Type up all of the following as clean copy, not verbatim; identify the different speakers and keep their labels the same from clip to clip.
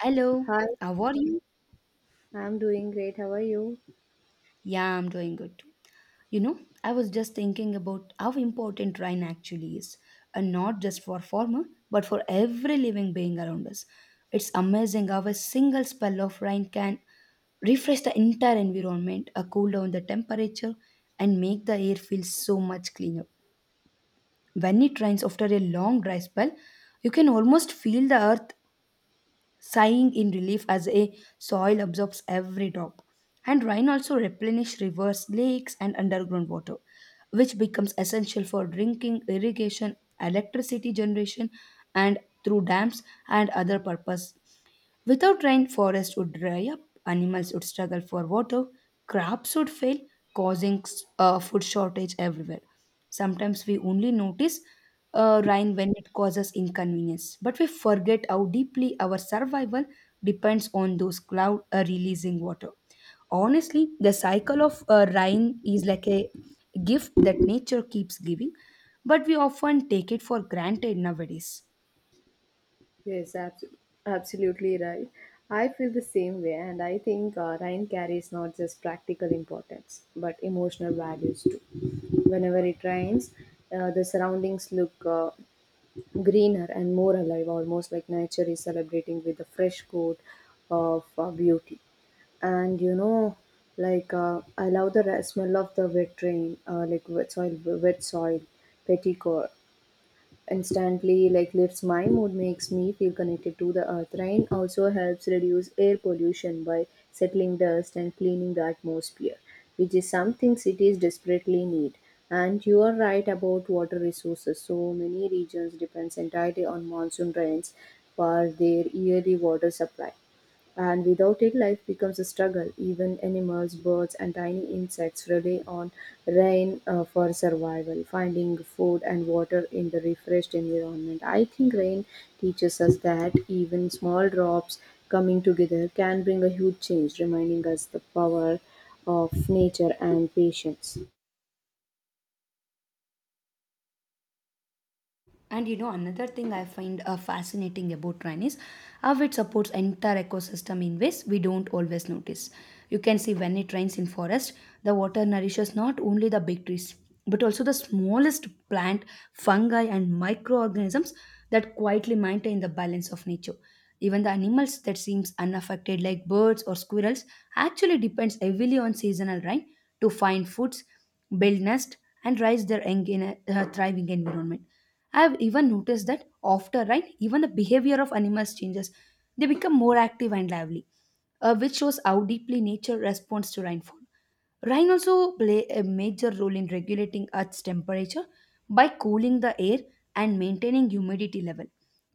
Speaker 1: Hello,
Speaker 2: Hi,
Speaker 1: how are you?
Speaker 2: I'm doing great. How are you?
Speaker 1: Yeah, I'm doing good too. You know, I was just thinking about how important rain actually is, and not just for farmer, but for every living being around us. It's amazing how a single spell of rain can refresh the entire environment, cool down the temperature, and make the air feel so much cleaner. When it rains after a long dry spell, you can almost feel the earth sighing in relief as a soil absorbs every drop. And rain also replenishes rivers, lakes, and underground water, which becomes essential for drinking, irrigation, electricity generation, and through dams and other purpose. Without rain, forests would dry up, animals would struggle for water, crops would fail, causing food shortage everywhere. Sometimes we only notice rain when it causes inconvenience, but we forget how deeply our survival depends on those clouds releasing water. Honestly, the cycle of rain is like a gift that nature keeps giving, but we often take it for granted nowadays.
Speaker 2: Yes, abs- Absolutely right. I feel the same way, and I think rain carries not just practical importance but emotional values too. Whenever it rains, the surroundings look greener and more alive, almost like nature is celebrating with a fresh coat of beauty. And you know, I love the smell of the wet rain, like wet soil, petticoat instantly like lifts my mood, makes me feel connected to the earth. Rain also helps reduce air pollution by settling dust and cleaning the atmosphere, which is something cities desperately need. And you are right about water resources. So many regions depends entirely on monsoon rains for their yearly water supply, and without it, life becomes a struggle. Even animals, birds, and tiny insects rely on rain for survival, finding food and water in the refreshed environment. I think rain teaches us that even small drops coming together can bring a huge change, reminding us the power of nature and patience.
Speaker 1: And you know, another thing I find fascinating about rain is how it supports entire ecosystem in ways we don't always notice. You can see when it rains in forest, the water nourishes not only the big trees, but also the smallest plant, fungi and microorganisms that quietly maintain the balance of nature. Even the animals that seems unaffected like birds or squirrels actually depends heavily on seasonal rain to find foods, build nests and raise their young in a thriving environment. I have even noticed that after rain, even the behavior of animals changes. They become more active and lively, which shows how deeply nature responds to rainfall. Rain also play a major role in regulating Earth's temperature by cooling the air and maintaining humidity level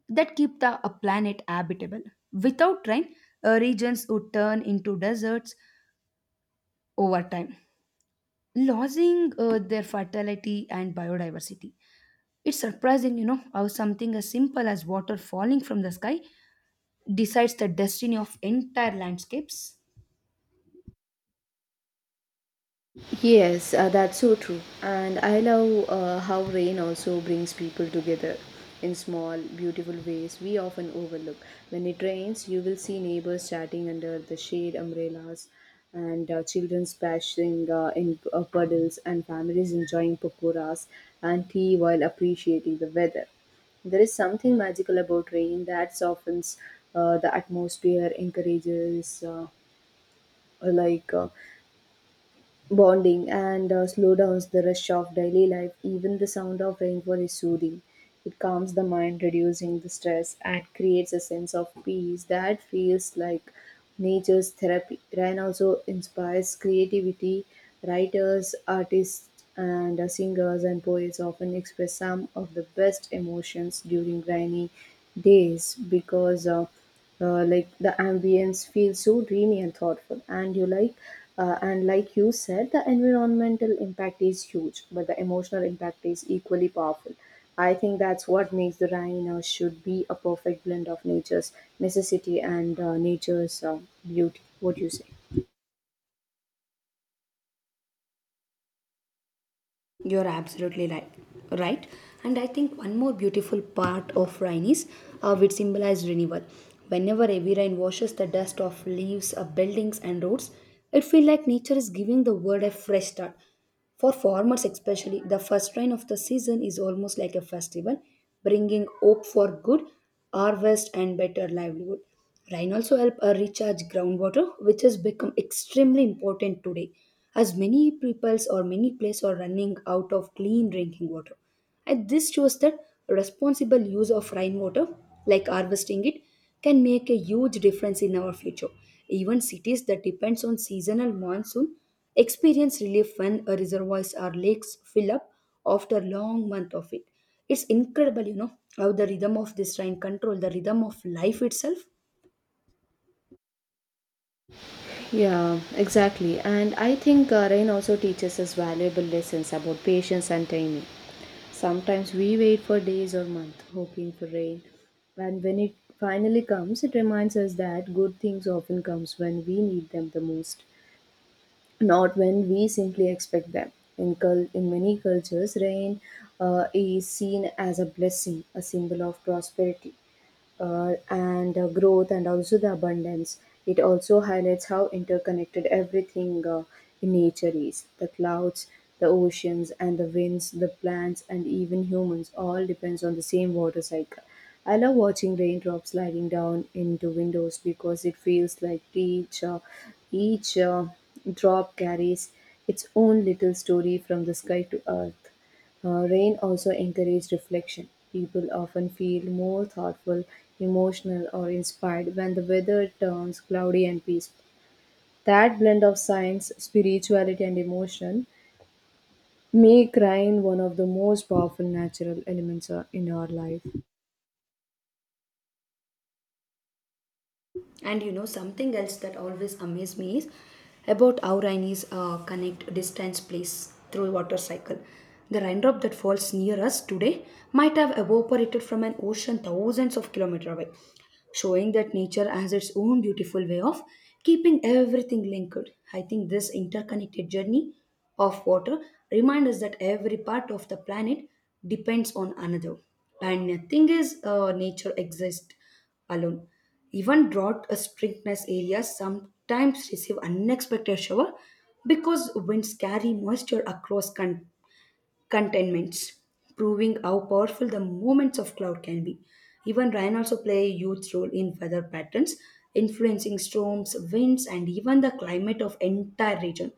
Speaker 1: that keep the a planet habitable. Without rain, regions would turn into deserts over time, losing their fertility and biodiversity. It's surprising, you know, how something as simple as water falling from the sky decides the destiny of entire landscapes.
Speaker 2: Yes, that's so true. And I love how rain also brings people together in small, beautiful ways we often overlook. When it rains, you will see neighbors chatting under the shade umbrellas, and children splashing in puddles, and families enjoying pakoras and tea while appreciating the weather. There is something magical about rain that softens the atmosphere, encourages like uh, bonding, and slow downs the rush of daily life. Even the sound of rainfall is soothing. It calms the mind, reducing the stress, and creates a sense of peace that feels like nature's therapy. Rain also inspires creativity. Writers, artists, and singers and poets often express some of the best emotions during rainy days because. Like the ambience feels so dreamy and thoughtful. And you like and like you said, the environmental impact is huge, but the emotional impact is equally powerful. I think that's what makes the rhino should be a perfect blend of nature's necessity and nature's beauty. What do you say?
Speaker 1: You're absolutely right. Right, and I think one more beautiful part of rain is how it symbolizes renewal. Whenever heavy rain washes the dust off leaves, of buildings, and roads, it feels like nature is giving the world a fresh start. For farmers, especially, the first rain of the season is almost like a festival, bringing hope for good harvest and better livelihood. Rain also help recharge groundwater, which has become extremely important today, as many peoples or many places are running out of clean drinking water. And this shows that responsible use of rainwater, like harvesting it, can make a huge difference in our future. Even cities that depends on seasonal monsoon experience relief when reservoirs or lakes fill up after long month of it. It's incredible, you know, how the rhythm of this rain control the rhythm of life itself.
Speaker 2: Yeah, exactly. And I think rain also teaches us valuable lessons about patience and timing. Sometimes we wait for days or months hoping for rain, and when it finally comes, it reminds us that good things often comes when we need them the most, not when we simply expect them. In many cultures, rain is seen as a blessing, a symbol of prosperity, and growth, and also the abundance. It also highlights how interconnected everything in nature is. The clouds, the oceans, and the winds, the plants, and even humans all depends on the same water cycle. I love watching raindrops sliding down into windows because it feels like each drop carries its own little story from the sky to earth. Rain also encourages reflection. People often feel more thoughtful, emotional, or inspired when the weather turns cloudy and peaceful. That blend of science, spirituality, and emotion make rain one of the most powerful natural elements in our life.
Speaker 1: And you know, something else that always amazed me is about how rainies connect distance place through water cycle. The raindrop that falls near us today might have evaporated from an ocean thousands of kilometers away, showing that nature has its own beautiful way of keeping everything linked. I think this interconnected journey of water reminds us that every part of the planet depends on another. And the thing is, nature exists alone. Even drought strictness areas sometimes receive unexpected shower because winds carry moisture across country contentments, proving how powerful the movements of cloud can be. Even rain also play a huge role in weather patterns, influencing storms, winds, and even the climate of entire region.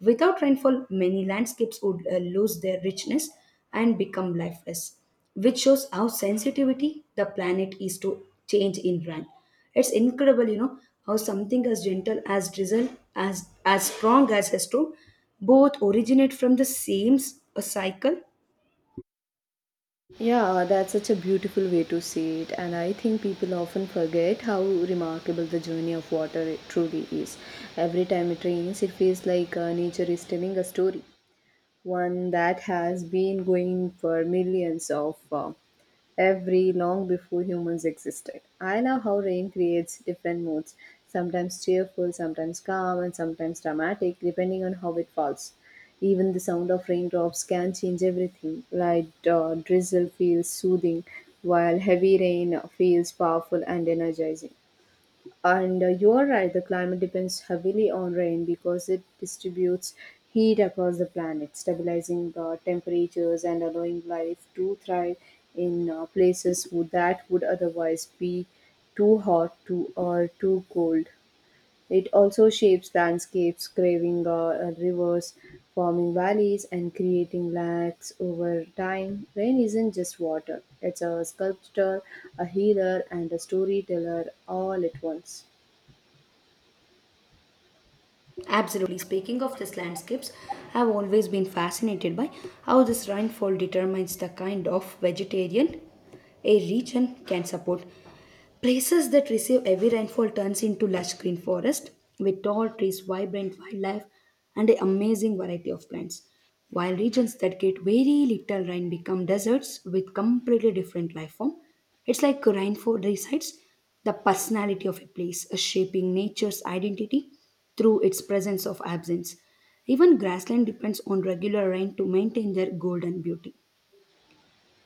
Speaker 1: Without rainfall, many landscapes would lose their richness and become lifeless, which shows how sensitivity the planet is to change in rain. It's incredible, you know, how something as gentle as drizzle, as strong as has to, both originate from the same a cycle.
Speaker 2: Yeah, that's such a beautiful way to see it, and I think people often forget how remarkable the journey of water truly is. Every time it rains, it feels like nature is telling a story, one that has been going for millions of every long before humans existed. I love how rain creates different moods, sometimes cheerful, sometimes calm, and sometimes dramatic, depending on how it falls. Even the sound of raindrops can change everything. Light drizzle feels soothing, while heavy rain feels powerful and energizing. And you are right, the climate depends heavily on rain because it distributes heat across the planet, stabilizing the temperatures and allowing life to thrive in that would otherwise be too hot too, or too cold. It also shapes landscapes, craving rivers, forming valleys, and creating lakes over time. Rain isn't just water, it's a sculptor, a healer, and a storyteller all at once.
Speaker 1: Absolutely. Speaking of these landscapes, I've always been fascinated by how this rainfall determines the kind of vegetarian a region can support. Places that receive heavy rainfall turns into lush green forest with tall trees, vibrant wildlife, and an amazing variety of plants. While regions that get very little rain become deserts with completely different life form. It's like rainfall resides the personality of a place, shaping nature's identity through its presence of absence. Even grassland depends on regular rain to maintain their golden beauty.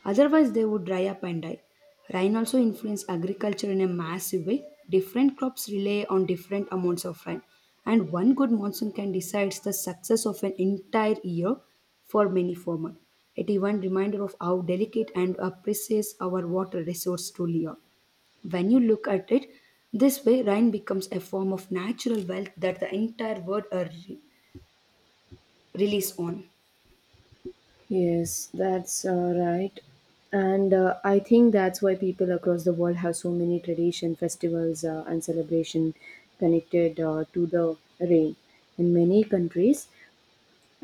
Speaker 1: Otherwise, they would dry up and die. Rain also influences agriculture in a massive way. Different crops rely on different amounts of rain, and one good monsoon can decide the success of an entire year for many farmers. It even reminder of how delicate and precious our water resource truly are. When you look at it this way, rain becomes a form of natural wealth that the entire world relies on.
Speaker 2: Yes, that's right. And I think that's why people across the world have so many tradition, festivals, and celebration connected to the rain. In many countries,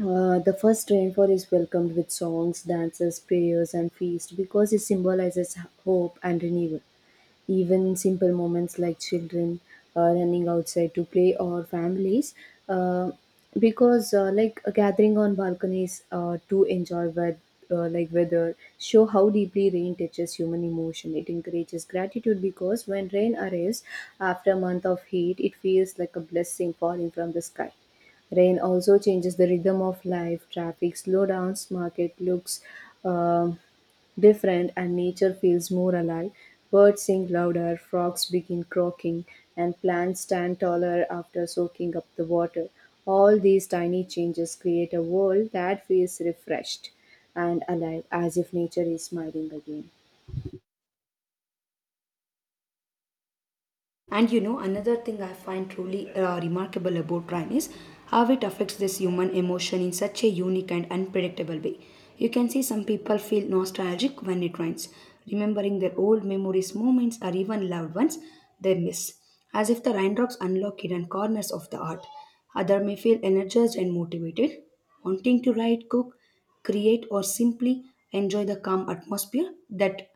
Speaker 2: the first rainfall is welcomed with songs, dances, prayers, and feast because it symbolizes hope and renewal. Even simple moments like children running outside to play, or families, uh, because like a gathering on balconies to enjoy wet, like weather, show how deeply rain touches human emotion. It encourages gratitude because when rain arrives after a month of heat, it feels like a blessing falling from the sky. Rain also changes the rhythm of life, traffic slowdowns, market looks um different, and nature feels more alive. Birds sing louder, frogs begin croaking, and plants stand taller after soaking up the water. All these tiny changes create a world that feels refreshed and alive, as if nature is smiling again.
Speaker 1: And you know, another thing I find truly remarkable about Ryan is how it affects this human emotion in such a unique and unpredictable way. You can see some people feel nostalgic when it rains, remembering their old memories, moments, or even loved ones they miss, as if the raindrops unlock hidden corners of the heart. Other may feel energized and motivated, wanting to write, cook, create, or simply enjoy the calm atmosphere that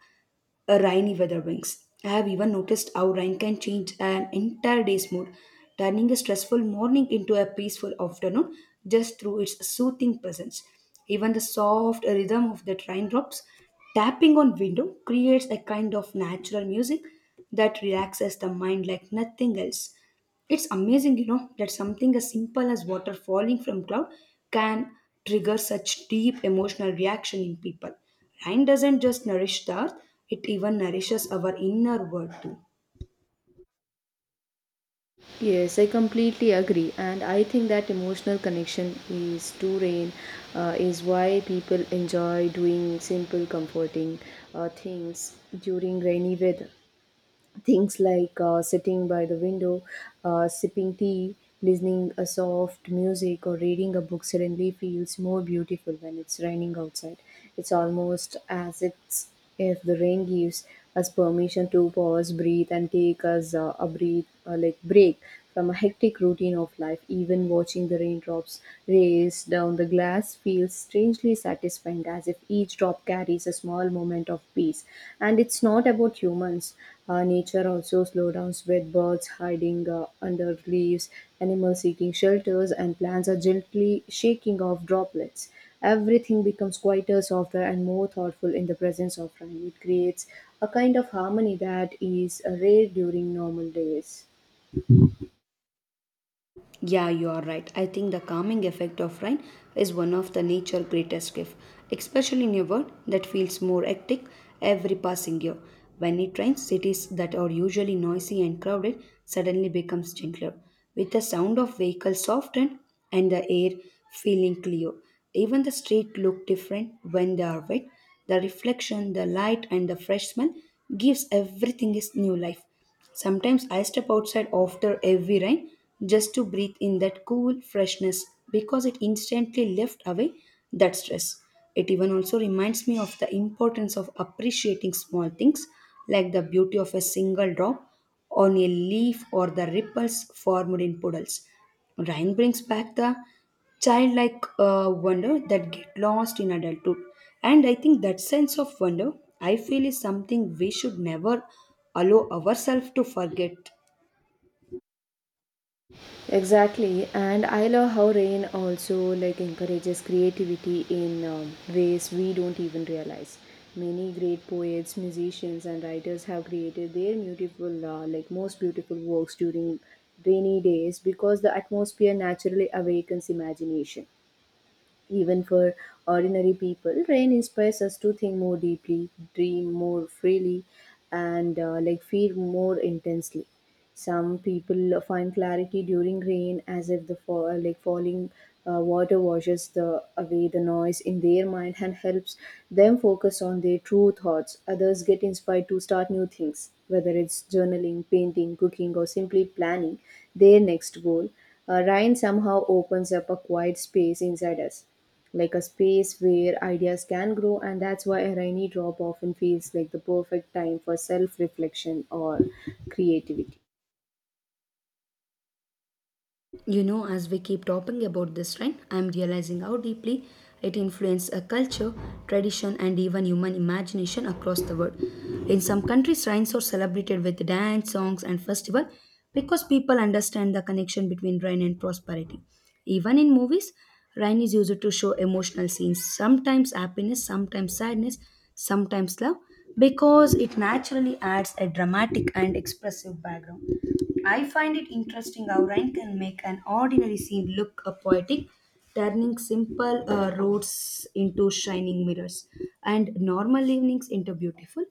Speaker 1: a rainy weather brings. I have even noticed how rain can change an entire day's mood, turning a stressful morning into a peaceful afternoon just through its soothing presence. Even the soft rhythm of the raindrops tapping on window creates a kind of natural music that relaxes the mind like nothing else. It's amazing, you know, that something as simple as water falling from cloud can trigger such deep emotional reaction in people. Rain doesn't just nourish the earth, it even nourishes our inner world too.
Speaker 2: Yes, I completely agree, and I think that emotional connection is to rain is why people enjoy doing simple, comforting things during rainy weather. Things like sitting by the window, sipping tea, listening a soft music, or reading a book suddenly feels more beautiful when it's raining outside. It's almost as it's If the rain gives us permission to pause, breathe, and take us a breathe like break from a hectic routine of life. Even watching the raindrops race down the glass feels strangely satisfying, as if each drop carries a small moment of peace. And it's not about humans. Nature also slows down, with birds hiding under leaves, animals seeking shelters, and plants are gently shaking off droplets. Everything becomes quieter, softer, and more thoughtful in the presence of rain. It creates a kind of harmony that is rare during normal days.
Speaker 1: Yeah, you are right. I think the calming effect of rain is one of the nature's greatest gifts, especially in a world that feels more hectic every passing year. When it rains, cities that are usually noisy and crowded suddenly becomes gentler, with the sound of vehicles softened and the air feeling clear. Even the street look different when they are wet. The reflection, the light, and the fresh smell gives everything its new life. Sometimes I step outside after heavy rain just to breathe in that cool freshness because it instantly left away that stress. It even also reminds me of the importance of appreciating small things like the beauty of a single drop on a leaf or the ripples formed in puddles. Rain brings back the childlike wonder that get lost in adulthood, and I think that sense of wonder I feel is something we should never allow ourselves to forget.
Speaker 2: Exactly, and I love how rain also like encourages creativity in ways we don't even realize. Many great poets, musicians, and writers have created their beautiful, like most beautiful works during rainy days because the atmosphere naturally awakens imagination. Even for ordinary people, rain inspires us to think more deeply, dream more freely, and like feel more intensely. Some people find clarity during rain, as if the falling water washes the away the noise in their mind and helps them focus on their true thoughts. Others get inspired to start new things, whether it's journaling, painting, cooking, or simply planning their next goal. Ryan somehow opens up a quiet space inside us, like a space where ideas can grow, and that's why a rainy drop often feels like the perfect time for self reflection or creativity.
Speaker 1: You know, as we keep talking about this trend, I'm realizing how deeply it influences a culture, tradition, and even human imagination across the world. In some countries, rains are celebrated with dance, songs, and festival because people understand the connection between rain and prosperity. Even in movies, rain is used to show emotional scenes, sometimes happiness, sometimes sadness, sometimes love, because it naturally adds a dramatic and expressive background. I find it interesting how Ryan can make an ordinary scene look a poetic, turning simple roads into shining mirrors and normal evenings into beautiful,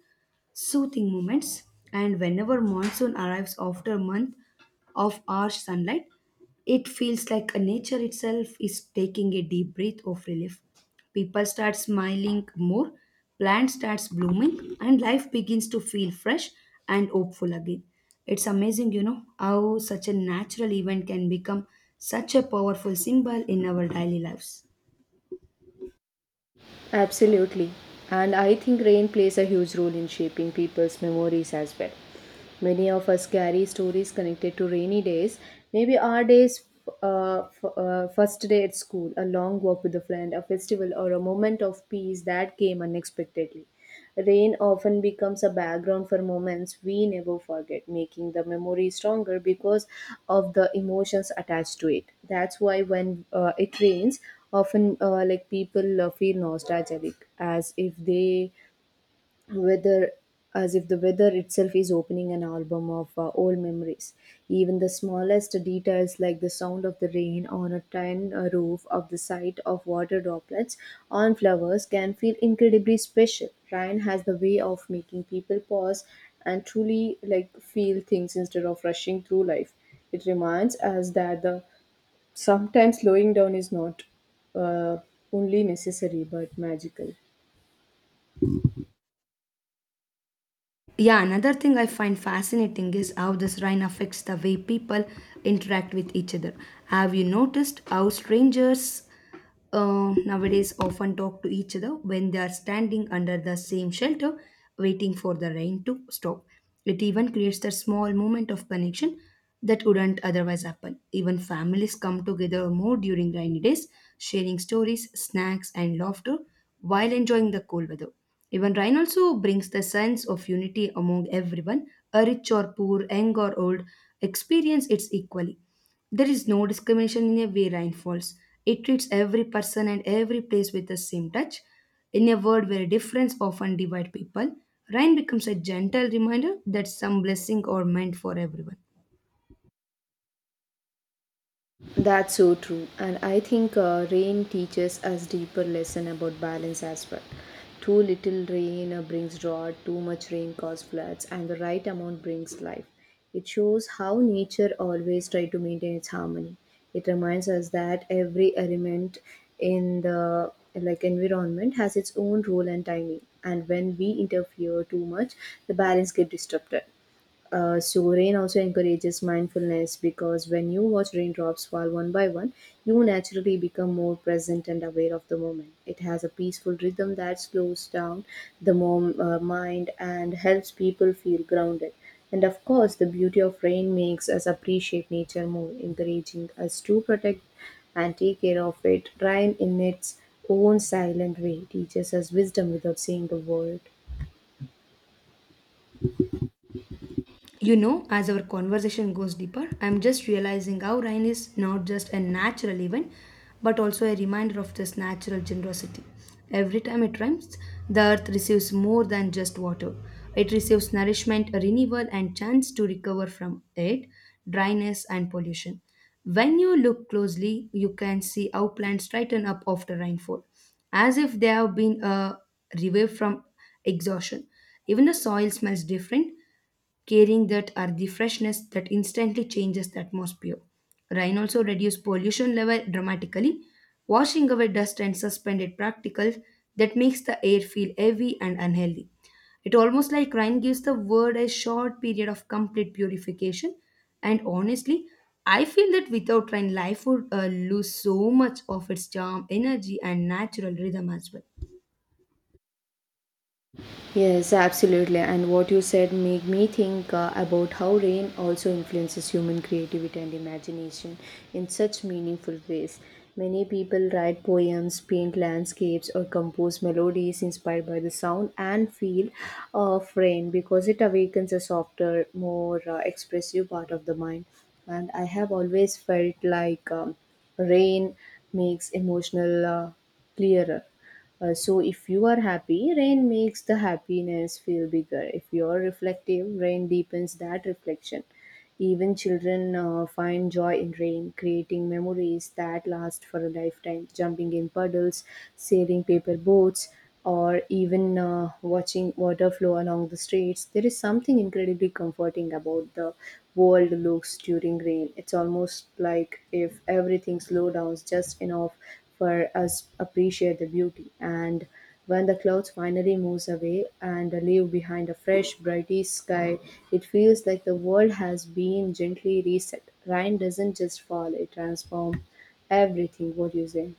Speaker 1: soothing moments. And whenever monsoon arrives after a month of harsh sunlight, it feels like nature itself is taking a deep breath of relief. People start smiling more, plants starts blooming, and life begins to feel fresh and hopeful again. It's amazing, you know, how such a natural event can become such a powerful symbol in our daily lives.
Speaker 2: Absolutely. And I think rain plays a huge role in shaping people's memories as well. Many of us carry stories connected to rainy days. Maybe our days, first day at school, a long walk with a friend, a festival, or a moment of peace that came unexpectedly. Rain often becomes a background for moments we never forget, making the memory stronger because of the emotions attached to it. That's why when it rains, often people feel nostalgic, as if Weather, as if the weather itself is opening an album of old memories. Even the smallest details like the sound of the rain on a tin roof, of the sight of water droplets on flowers, can feel incredibly special. Ryan has the way of making people pause and truly like feel things instead of rushing through life. It reminds us that the sometimes slowing down is not uh, only necessary but magical.
Speaker 1: Yeah, another thing I find fascinating is how this rain affects the way people interact with each other. Have you noticed how strangers nowadays often talk to each other when they are standing under the same shelter waiting for the rain to stop? It even creates that small moment of connection that wouldn't otherwise happen. Even families come together more during rainy days, sharing stories, snacks, and laughter while enjoying the cool weather. Even rain also brings the sense of unity among everyone, a rich or poor, young or old, experience it equally. There is no discrimination in a way Rhine falls. It treats every person and every place with the same touch. In a world where difference often divide people, Rhine becomes a gentle reminder that some blessing are meant for everyone.
Speaker 2: That's so true. And I think rain teaches us deeper lesson about balance as well. Too little rain brings drought, too much rain causes floods, and the right amount brings life. It shows how nature always try to maintain its harmony. It reminds us that every element in the like environment has its own role and timing. And when we interfere too much, the balance get disrupted. So rain also encourages mindfulness because when you watch raindrops fall one by one, you naturally become more present and aware of the moment. It has a peaceful rhythm that slows down the mind and helps people feel grounded. And of course, the beauty of rain makes us appreciate nature more, encouraging us to protect and take care of it. Rain, in its own silent way, teaches us wisdom without saying a word.
Speaker 1: You know, as our conversation goes deeper, I'm just realizing how rain is not just a natural event, but also a reminder of this natural generosity. Every time it rains, the earth receives more than just water. It receives nourishment, renewal, and chance to recover from it, dryness, and pollution. When you look closely, you can see how plants straighten up after rainfall, as if they have been revived from exhaustion. Even the soil smells different carrying that are the freshness that instantly changes the atmosphere. Rain also reduces pollution level dramatically, washing away dust and suspended particles that makes the air feel heavy and unhealthy. It almost like rain gives the world a short period of complete purification. And honestly, I feel that without rain, life would lose so much of its charm, energy, and natural rhythm as well.
Speaker 2: Yes, absolutely. And what you said made me think about how rain also influences human creativity and imagination in such meaningful ways. Many people write poems, paint landscapes, or compose melodies inspired by the sound and feel of rain because it awakens a softer, more expressive part of the mind. And I have always felt like rain makes emotional clearer. So if you are happy, rain makes the happiness feel bigger. If you are reflective, rain deepens that reflection. Even children find joy in rain, creating memories that last for a lifetime, jumping in puddles, sailing paper boats, or even watching water flow along the streets. There is something incredibly comforting about the world looks during rain. It's almost like if everything slows down just enough for us appreciate the beauty. And when the clouds finally moves away and leave behind a fresh, brighty sky, it feels like the world has been gently reset. Rain doesn't just fall, it transforms everything. What do you say?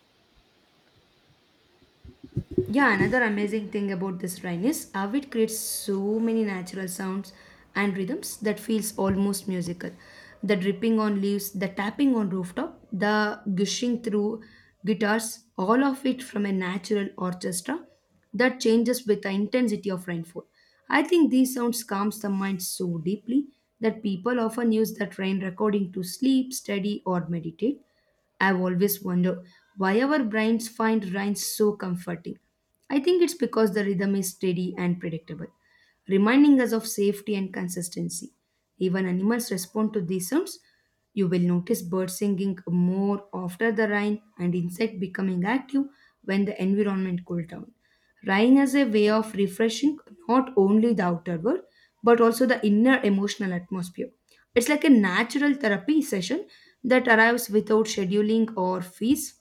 Speaker 1: Yeah, another amazing thing about this rhyme is how it creates so many natural sounds and rhythms that feels almost musical. The dripping on leaves, the tapping on rooftop, the gushing through guitars, all of it from a natural orchestra that changes with the intensity of rainfall. I think these sounds calms the mind so deeply that people often use that rain recording to sleep, study, or meditate. I've always wondered why our brains find rhymes so comforting. I think it's because the rhythm is steady and predictable, reminding us of safety and consistency. Even animals respond to these sounds. You will notice birds singing more after the rain and insects becoming active when the environment cools down. Rain as a way of refreshing not only the outer world but also the inner emotional atmosphere. It's like a natural therapy session that arrives without scheduling or fees.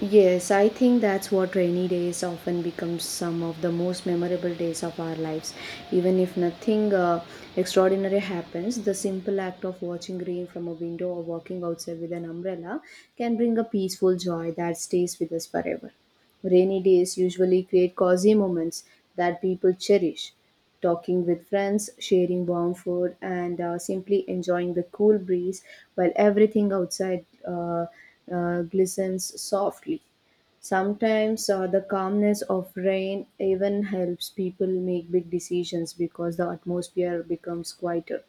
Speaker 2: Yes, I think that's what rainy days often becomes some of the most memorable days of our lives. Even if nothing extraordinary happens, the simple act of watching rain from a window or walking outside with an umbrella can bring a peaceful joy that stays with us forever. Rainy days usually create cozy moments that people cherish. Talking with friends, sharing warm food, and simply enjoying the cool breeze while everything outside glistens softly. Sometimes the calmness of rain even helps people make big decisions because the atmosphere becomes quieter,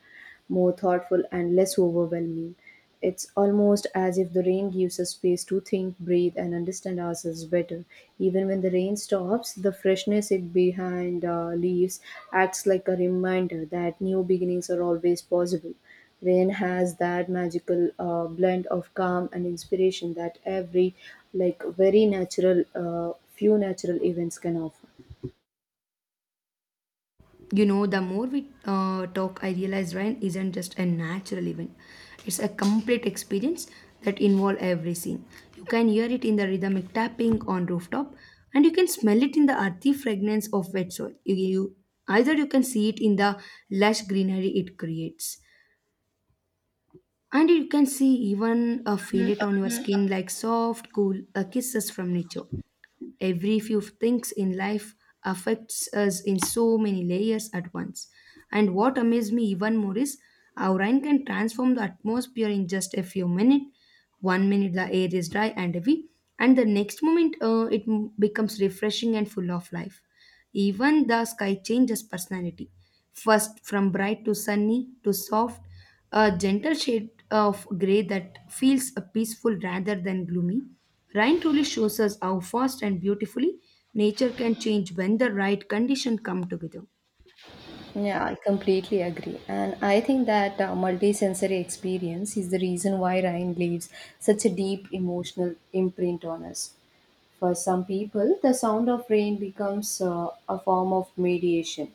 Speaker 2: more thoughtful and less overwhelming. It's almost as if the rain gives us space to think, breathe, and understand ourselves better. Even when the rain stops, the freshness it behind leaves acts like a reminder that new beginnings are always possible. Rain has that magical blend of calm and inspiration that every, like, very natural, few natural events can offer.
Speaker 1: You know, the more we talk, I realize rain isn't just a natural event, it's a complete experience that involves every scene. You can hear it in the rhythmic tapping on rooftop, and you can smell it in the earthy fragrance of wet soil. Either you can see it in the lush greenery it creates, and you can see even feel it on your Mhm. skin like soft cool kisses from nature. Every few things in life affects us in so many layers at once, and what amazed me even more is how rain can transform the atmosphere in just a few minutes. One minute the air is dry and heavy, and the next moment becomes refreshing and full of life. Even the sky changes personality. First, from bright to sunny to soft, a gentle shade of grey that feels peaceful rather than gloomy. Rain truly shows us how fast and beautifully nature can change when the right conditions come together.
Speaker 2: Yeah, I completely agree. And I think that multisensory experience is the reason why Rhine leaves such a deep emotional imprint on us. For some people, the sound of rain becomes a form of mediation,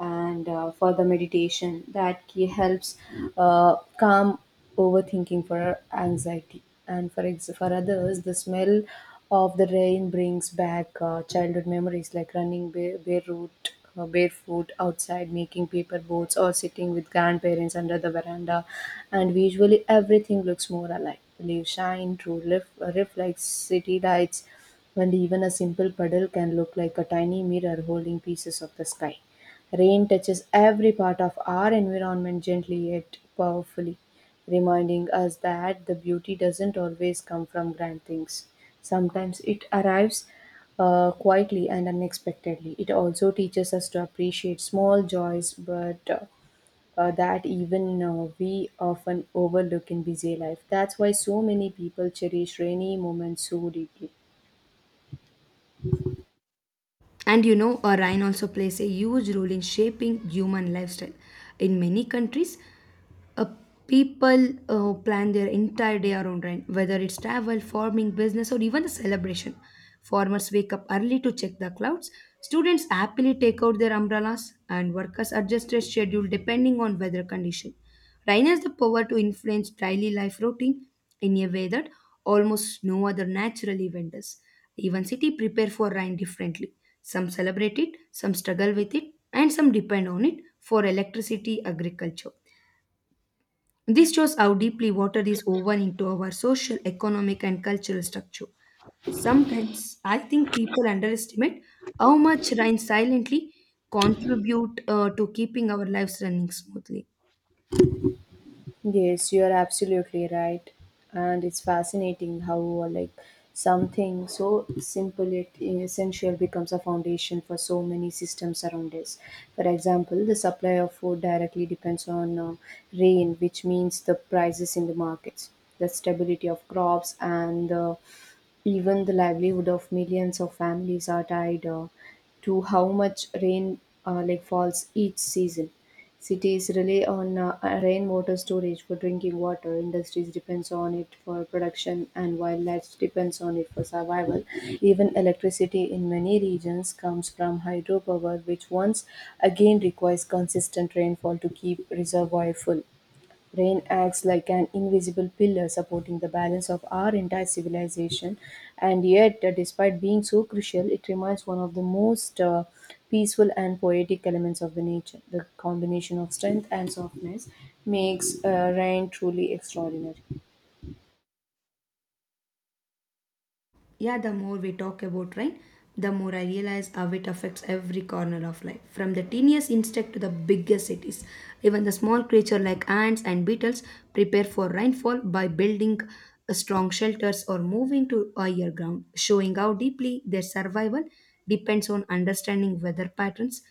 Speaker 2: and for the meditation, that key helps calm overthinking for anxiety. And for others, the smell of the rain brings back childhood memories like running barefoot, barefoot outside, making paper boats, or sitting with grandparents under the veranda. And visually, everything looks more alive leaves shine reflects city lights, and even a simple puddle can look like a tiny mirror holding pieces of the sky. Rain touches every part of our environment gently yet powerfully, reminding us that the beauty doesn't always come from grand things. Sometimes it arrives quietly and unexpectedly. It also teaches us to appreciate small joys, but that even we often overlook in busy life. That's why so many people cherish rainy moments so deeply.
Speaker 1: And you know, a rain also plays a huge role in shaping human lifestyle. In many countries, uh, people plan their entire day around rain, whether it's travel, farming, business, or even the celebration. Farmers wake up early to check the clouds. Students happily take out their umbrellas, and workers adjust their schedule depending on weather condition. Rain has the power to influence daily life routine in a way that almost no other natural event does. Even city prepare for rain differently. Some celebrate it, some struggle with it, and some depend on it for electricity, agriculture. This shows how deeply water is woven into our social, economic, and cultural structure. Sometimes I think people underestimate how much rain silently contribute to keeping our lives running smoothly.
Speaker 2: Yes, you're absolutely right. And it's fascinating how like something so simple yet essential becomes a foundation for so many systems around us. For example, the supply of food directly depends on rain, which means the prices in the markets, the stability of crops, and the even the livelihood of millions of families are tied to how much rain like falls each season. Cities rely on rainwater storage for drinking water. Industries depends on it for production, and wildlife depends on it for survival. Even electricity in many regions comes from hydropower, which once again requires consistent rainfall to keep reservoir full. Rain acts like an invisible pillar supporting the balance of our entire civilization, and yet, despite being so crucial, it remains one of the most peaceful and poetic elements of the nature. The combination of strength and softness makes rain truly extraordinary.
Speaker 1: Yeah, the more we talk about rain, the more I realize how it affects every corner of life, from the teeniest insect to the biggest cities. Even the small creature like ants and beetles prepare for rainfall by building strong shelters or moving to higher ground, showing how deeply their survival depends on understanding weather patterns.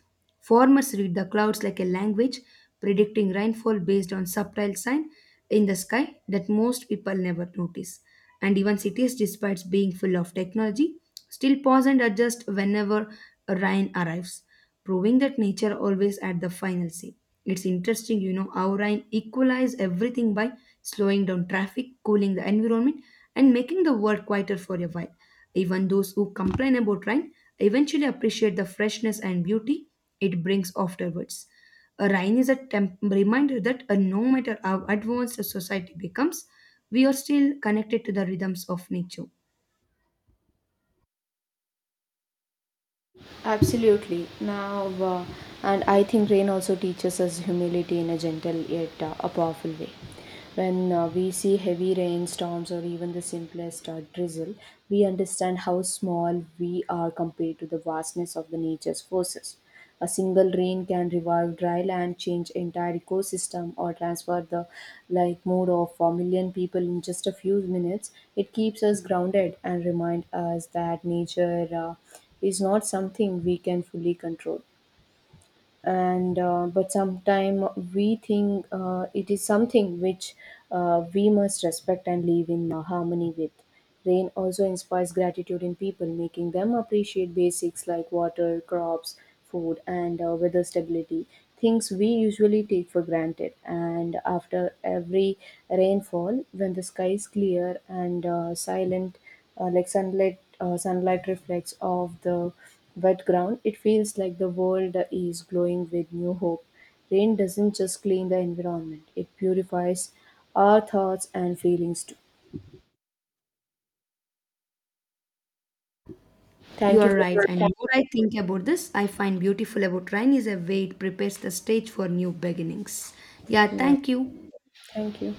Speaker 1: Farmers read the clouds like a language, predicting rainfall based on subtle signs in the sky that most people never notice. And even cities, despite being full of technology, still pause and adjust whenever a rain arrives, proving that nature always had the final say. It's interesting, you know, how rain equalize everything by slowing down traffic, cooling the environment, and making the world quieter for a while. Even those who complain about rain eventually appreciate the freshness and beauty it brings afterwards. A Rhine is a reminder that no matter how advanced a society becomes, we are still connected to the rhythms of nature.
Speaker 2: Absolutely. Now, and I think rain also teaches us humility in a gentle yet a powerful way. When we see heavy rainstorms or even the simplest drizzle, we understand how small we are compared to the vastness of the nature's forces. A single rain can revive dry land, change entire ecosystem, or transfer the like mood of a million people in just a few minutes. It keeps us grounded and remind us that nature is not something we can fully control, and but sometimes we think it is something which we must respect and live in harmony with. Rain also inspires gratitude in people, making them appreciate basics like water, crops, food, and weather stability, things we usually take for granted. And after every rainfall, when the sky is clear and silent, like sunlight reflects off the wet ground, it feels like the world is glowing with new hope. Rain doesn't just clean the environment, it purifies our thoughts and feelings too.
Speaker 1: You
Speaker 2: Thank you
Speaker 1: are right,
Speaker 2: for
Speaker 1: and the more I think about this, I find beautiful about Rhine is a way it prepares the stage for new beginnings. Yeah,
Speaker 2: yeah,
Speaker 1: thank you.
Speaker 2: thank you.